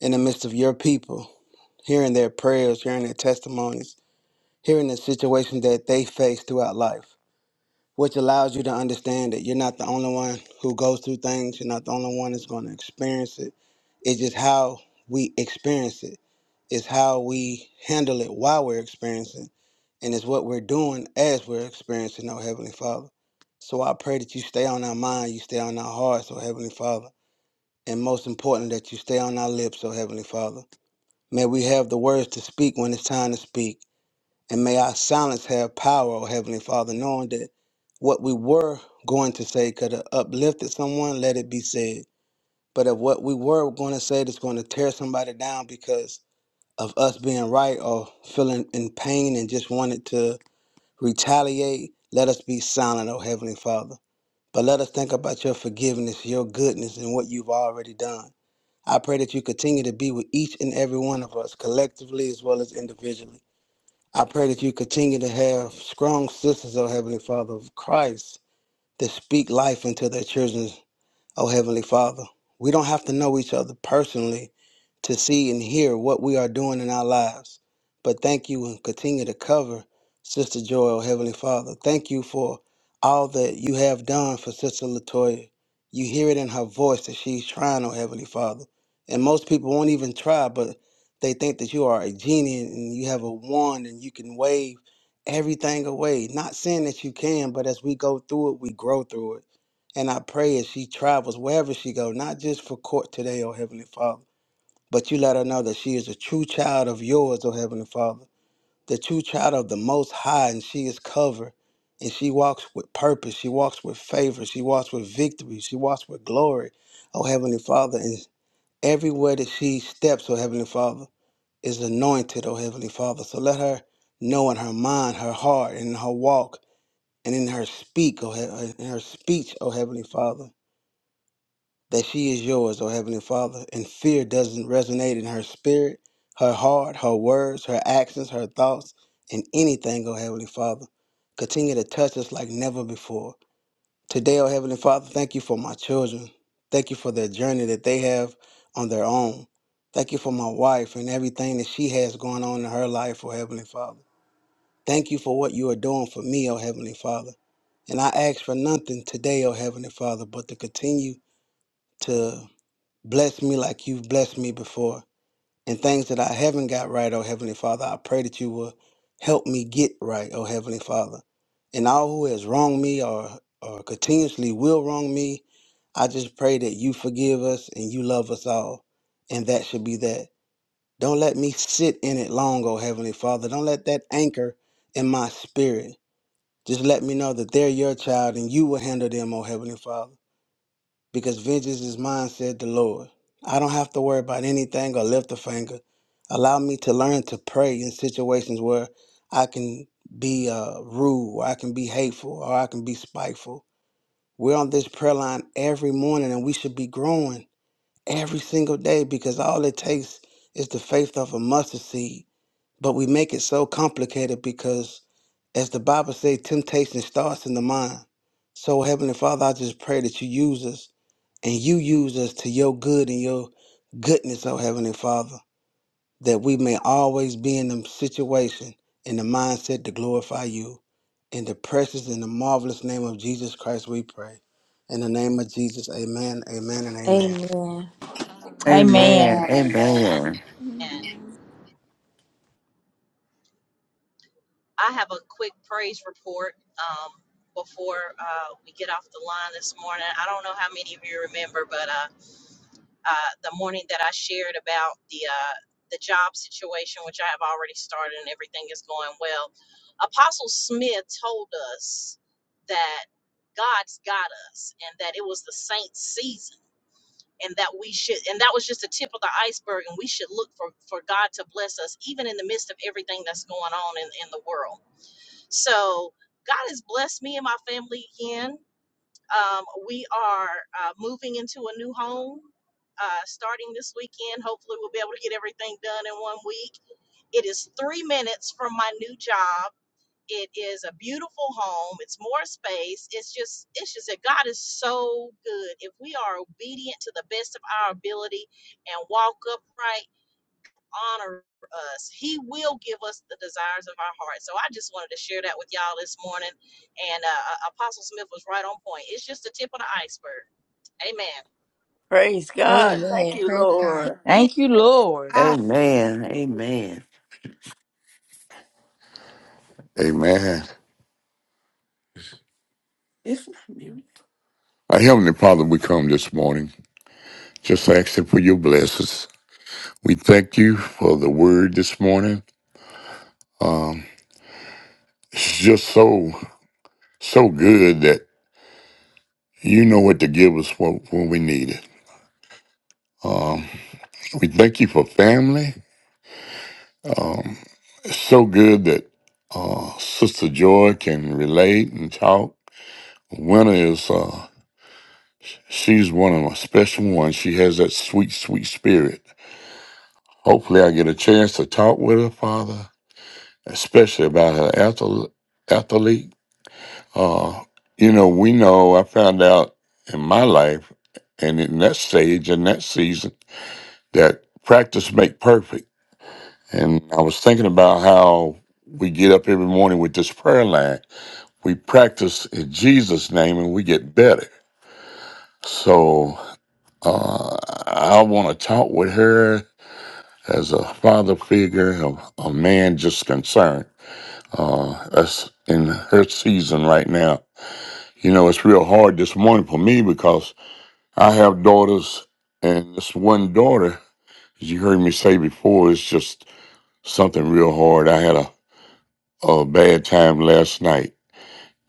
S9: in the midst of your people, hearing their prayers, hearing their testimonies, hearing the situations that they face throughout life. which allows you to understand that you're not the only one who goes through things. You're not the only one that's going to experience it. It's just how we experience it. It's how we handle it while we're experiencing, and it's what we're doing as we're experiencing, oh Heavenly Father. So I pray that you stay on our mind, you stay on our hearts, oh Heavenly Father, and most important that you stay on our lips, oh Heavenly Father. May we have the words to speak when it's time to speak. And may our silence have power, oh Heavenly Father, knowing that what we were going to say could have uplifted someone, let it be said. But if what we were going to say that's going to tear somebody down because of us being right or feeling in pain and just wanted to retaliate, let us be silent, oh Heavenly Father. But let us think about your forgiveness, your goodness, and what you've already done. I pray that you continue to be with each and every one of us, collectively as well as individually. I pray that you continue to have strong sisters, O Heavenly Father of Christ, that speak life into their children Oh, Heavenly Father, we don't have to know each other personally to see and hear what we are doing in our lives. But thank you and continue to cover Sister Joy, oh, Heavenly Father. Thank you for all that you have done for Sister Latoya. You hear it in her voice that she's trying, oh, Heavenly Father. And most people won't even try, but they think that you are a genie and you have a wand and you can wave everything away. Not saying that you can, but as we go through it, we grow through it. And I pray as she travels, wherever she goes, not just for court today, O Heavenly Father, but you let her know that she is a true child of yours, O Heavenly Father, the true child of the Most High, and she is covered. And she walks with purpose. She walks with favor. She walks with victory. She walks with glory, O Heavenly Father. And everywhere that she steps, O Heavenly Father, is anointed, O Heavenly Father. So let her know in her mind, her heart, in her walk, and in her speak, O he- in her speech, O Heavenly Father that she is yours, O Heavenly Father, and fear doesn't resonate in her spirit, her heart, her words, her actions, her thoughts, and anything, O Heavenly Father. Continue to touch us like never before. Today, O Heavenly Father, thank you for my children. Thank you for their journey that they have on their own. Thank you for my wife and everything that she has going on in her life, O Heavenly Father. Thank you for what you are doing for me, O Heavenly Father. And I ask for nothing today, O Heavenly Father, but to continue to Bless me like you've blessed me before. And things that I haven't got right, oh Heavenly Father, I pray that you will help me get right, oh Heavenly Father. And all who has wronged me or, or continuously will wrong me, I just pray that you forgive us and you love us all. And that should be that. Don't let me sit in it long, oh Heavenly Father. Don't let that anchor in my spirit. Just let me know that they're your child and you will handle them, oh Heavenly Father because vengeance is mine, said the Lord. I don't have to worry about anything or lift a finger. Allow me to learn to pray in situations where I can be uh, rude, or I can be hateful, or I can be spiteful. We're on this prayer line every morning, and we should be growing every single day because all it takes is the faith of a mustard seed. But we make it so complicated because, as the Bible says, temptation starts in the mind. So, Heavenly Father, I just pray that you use us and you use us to your good and your goodness, oh Heavenly Father, that we may always be in the situation in the mindset to glorify you. In the precious and the marvelous name of Jesus Christ, we pray. In the name of Jesus, amen, amen, and amen.
S1: Amen.
S4: Amen.
S6: Amen.
S3: Amen,
S4: Amen.
S2: And
S5: Amen.
S2: I have a quick praise report um, before uh, we get off the line this morning. I don't know how many of you remember, but uh, uh, the morning that I shared about the uh, the job situation, which I have already started and everything is going well, Apostle Smith told us that God's got us and that it was the saints' season and that we should and that was just the tip of the iceberg and we should look for for god to bless us even in the midst of everything that's going on in, in the world so god has blessed me and my family again um, we are uh, moving into a new home uh, starting this weekend hopefully we'll be able to get everything done in one week it is three minutes from my new job it is a beautiful home. It's more space. It's just, it's just that God is so good. If we are obedient to the best of our ability and walk upright, honor us, He will give us the desires of our heart. So I just wanted to share that with y'all this morning. And uh, uh, Apostle Smith was right on point. It's just the tip of the iceberg. Amen.
S7: Praise God. Thank
S1: Amen.
S7: you,
S1: Praise God.
S7: Lord.
S6: Thank you, Lord.
S4: Amen. Amen. Amen. It's not me. Our Heavenly Father, we come this morning just asking for your blessings. We thank you for the word this morning. Um, it's just so, so good that you know what to give us when, when we need it. Um, we thank you for family. Um, it's so good that uh, Sister Joy can relate and talk. Winter is. uh, She's one of my special ones. She has that sweet, sweet spirit. Hopefully, I get a chance to talk with her father, especially about her athle- athlete. Uh, you know, we know I found out in my life and in that stage and that season that practice make perfect. And I was thinking about how we get up every morning with this prayer line. We practice in Jesus' name and we get better. So uh, I want to talk with her as a father figure, a, a man just concerned. Uh, us in her season right now. You know, it's real hard this morning for me because I have daughters, and this one daughter, as you heard me say before, it's just something real hard. I had a, a bad time last night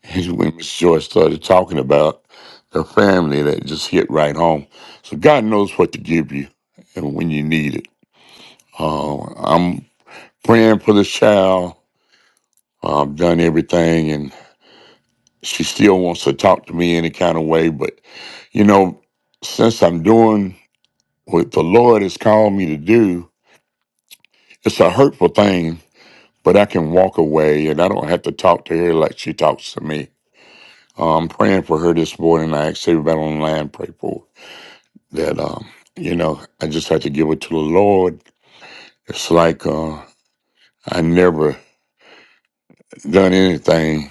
S4: when Miss Joy started talking about the family that just hit right home. So God knows what to give you and when you need it. Uh, I'm praying for this child I've done everything, and she still wants to talk to me any kind of way. But, you know, since I'm doing what the Lord has called me to do, it's a hurtful thing, but I can walk away and I don't have to talk to her like she talks to me. Uh, I'm praying for her this morning. I asked everybody online pray for her, that. Um, you know, I just have to give it to the Lord. It's like uh, I never done anything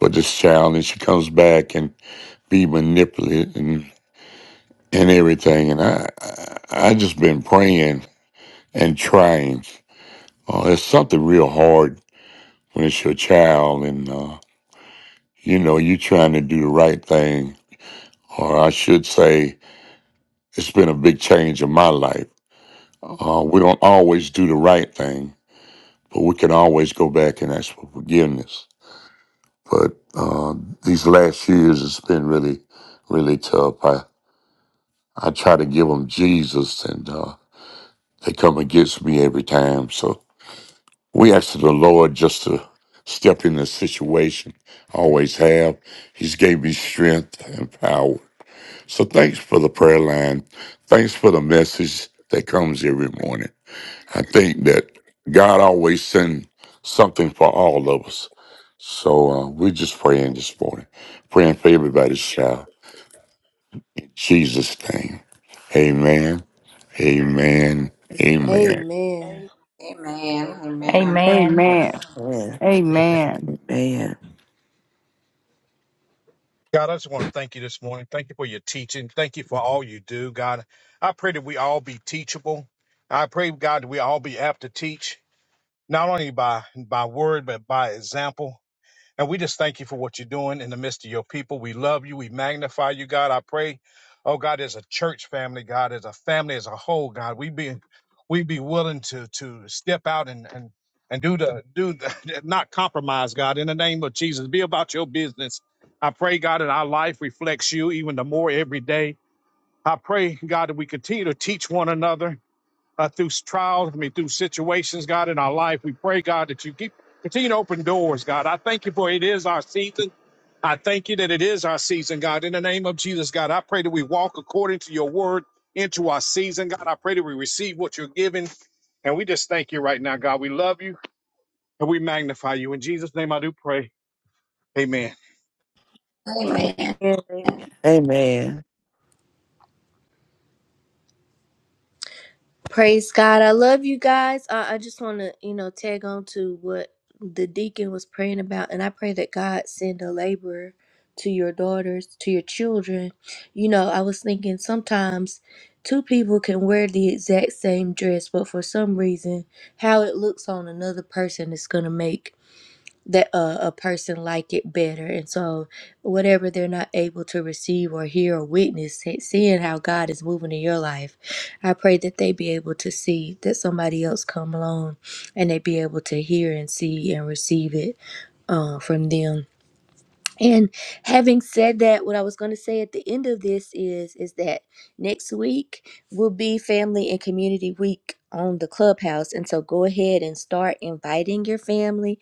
S4: for this child, and she comes back and be manipulated and. and everything. And I, I, I just been praying and trying. Uh, it's something real hard when it's your child, and uh, you know you are trying to do the right thing, or I should say, it's been a big change in my life. Uh, we don't always do the right thing, but we can always go back and ask for forgiveness. But uh, these last years, it's been really, really tough. I I try to give them Jesus, and uh, they come against me every time. So We ask the Lord just to step in the situation. I always have. He's gave me strength and power. So thanks for the prayer line. Thanks for the message that comes every morning. I think that God always sends something for all of us. So uh, we're just praying this morning, praying for everybody's child. In Jesus' name, amen, amen, amen.
S1: Amen.
S3: amen,
S7: you,
S3: amen,
S7: Lord.
S3: amen,
S6: Amen.
S8: Amen.
S4: Amen.
S2: Amen.
S8: Amen.
S4: Amen.
S10: God, I just want to thank you this morning. Thank you for your teaching. Thank you for all you do, God. I pray that we all be teachable. I pray, God, that we all be apt to teach, not only by by word but by example. And we just thank you for what you're doing in the midst of your people. We love you. We magnify you, God. I pray, oh God, as a church family, God, as a family as a whole, God, we be we be willing to to step out and and and do the do the not compromise, God, in the name of Jesus. Be about your business. I pray, God, that our life reflects you even the more every day. I pray, God, that we continue to teach one another uh, through trials, I mean, through situations, God, in our life. We pray, God, that you keep continue to open doors, God. I thank you for it is our season. I thank you that it is our season, God. In the name of Jesus, God, I pray that we walk according to your word into our season, God. I pray that we receive what you're giving. And we just thank you right now, God. We love you and we magnify you. In Jesus' name, I do pray. Amen.
S3: amen.
S7: Amen.
S4: Amen.
S1: Praise God. I love you guys. I, I just want to, you know, tag on to what the deacon was praying about. And I pray that God send a laborer to your daughters, to your children. You know, I was thinking sometimes two people can wear the exact same dress, but for some reason, how it looks on another person is going to make that uh, a person like it better and so whatever they're not able to receive or hear or witness se- seeing how god is moving in your life i pray that they be able to see that somebody else come along and they be able to hear and see and receive it uh, from them and having said that, what I was going to say at the end of this is is that next week will be family and community week on the clubhouse and so go ahead and start inviting your family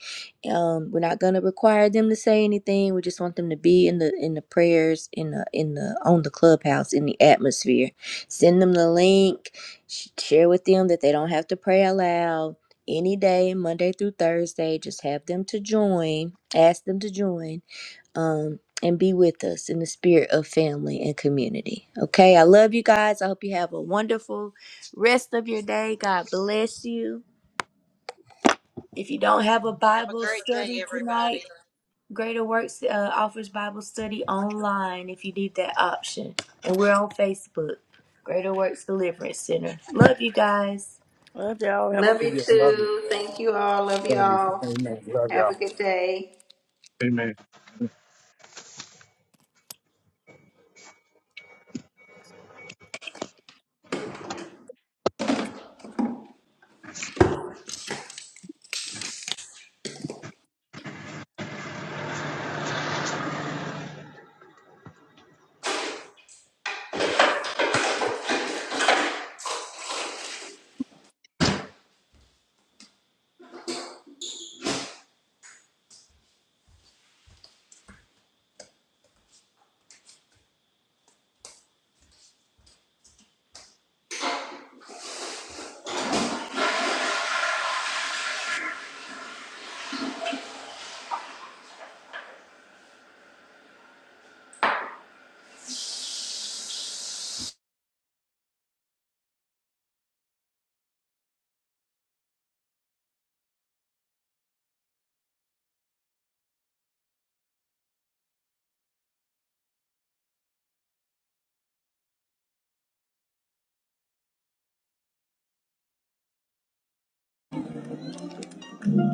S1: um, we're not going to require them to say anything we just want them to be in the in the prayers in the in the on the clubhouse in the atmosphere send them the link sh- share with them that they don't have to pray aloud any day monday through thursday just have them to join ask them to join um, and be with us in the spirit of family and community. Okay, I love you guys. I hope you have a wonderful rest of your day. God bless you. If you don't have a
S2: Have a
S1: Bible
S2: great day,
S1: study tonight,
S2: everybody.
S1: Greater Works uh, offers Bible study online if you need that option. And we're on Facebook, Greater Works Deliverance Center. Love you guys.
S7: Love y'all. Have a
S3: Love
S10: Love
S3: you
S10: you. Love you.
S3: too. Thank you all. Love you
S10: Love you.
S3: all.
S10: Amen. Love
S3: Have a
S10: y'all.
S3: good day.
S10: Amen.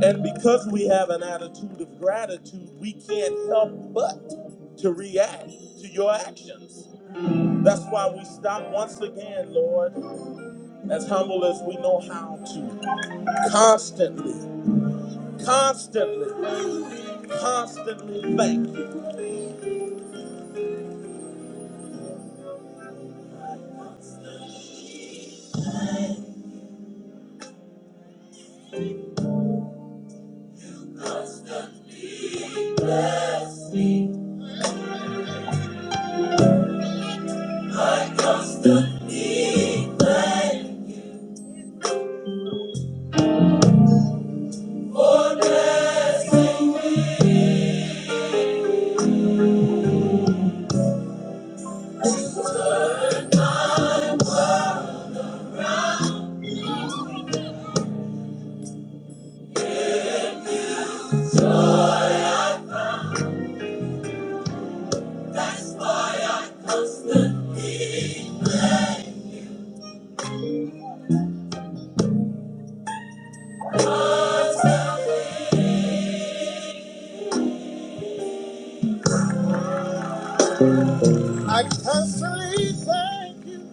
S1: And because we have an attitude of gratitude, we can't help but to react to your actions. That's why we stop once again, Lord, as humble as we know how to, constantly, constantly, constantly thank you. I constantly thank you.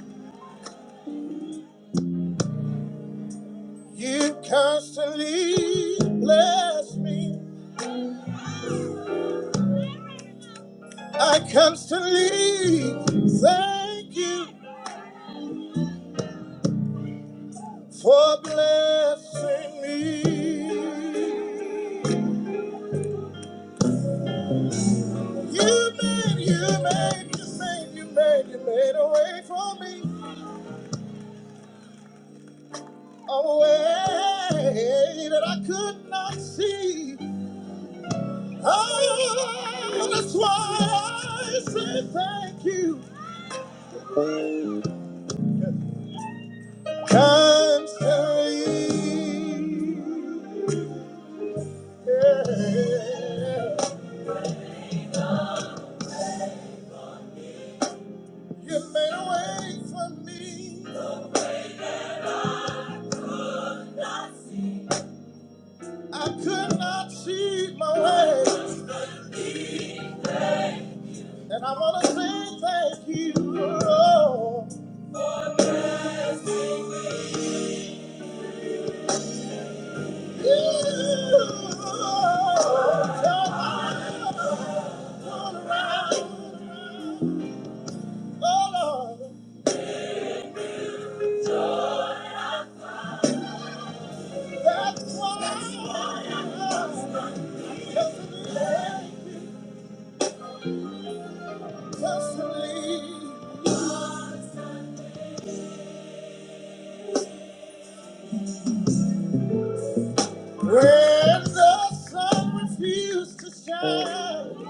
S1: You constantly bless me. I constantly thank you for blessing me. You made, you made, you made, you made, you made a way for me. A way that I could not see. Oh, that's why I say thank you constantly. Yeah. You made a way for me. I could not keep my way, and I'm on a when the sun refused to shine.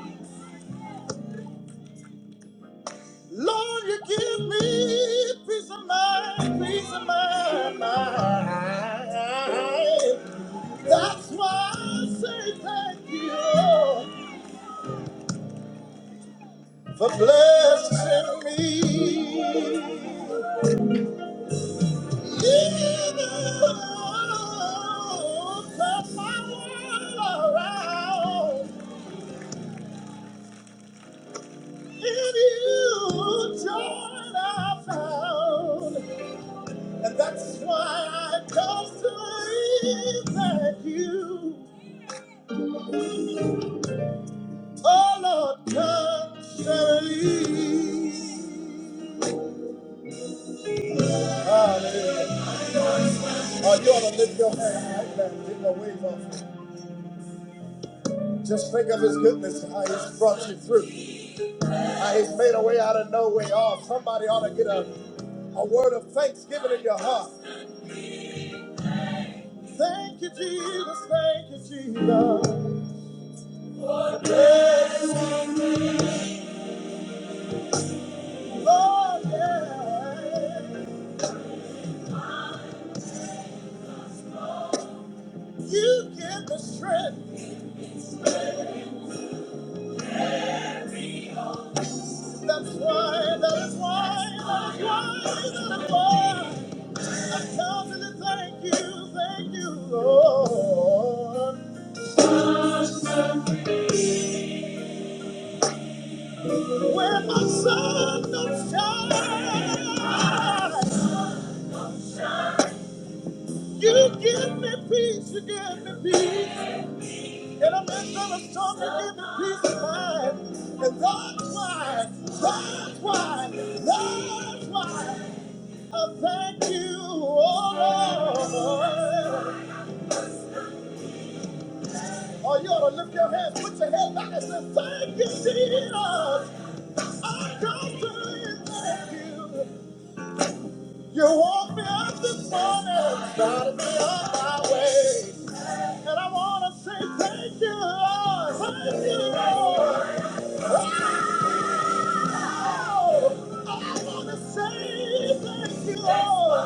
S1: Lord, thank you for blessing me. Just think of his goodness, how he's brought you through, how he's made a way out of no way off. Somebody ought to get a, a word of thanksgiving in your heart. Thank you, Jesus. Thank you, Jesus. Lord, yeah. You give the strength. That's why, that is why, that is why, that is why. Something to thank you, thank you, Lord. When my sun don't shine, you give me peace, you give me peace. And a am not gonna storm, you give me peace of mind. And that's why, that's why, that's why I thank you, oh Lord. Oh, you ought to lift your hands, put your head back and say, thank you, Jesus. I don't believe that You You woke me up this morning, started me on my way. And I want to say thank you, Lord. Thank you, Lord. Oh, I want to say thank you, Lord.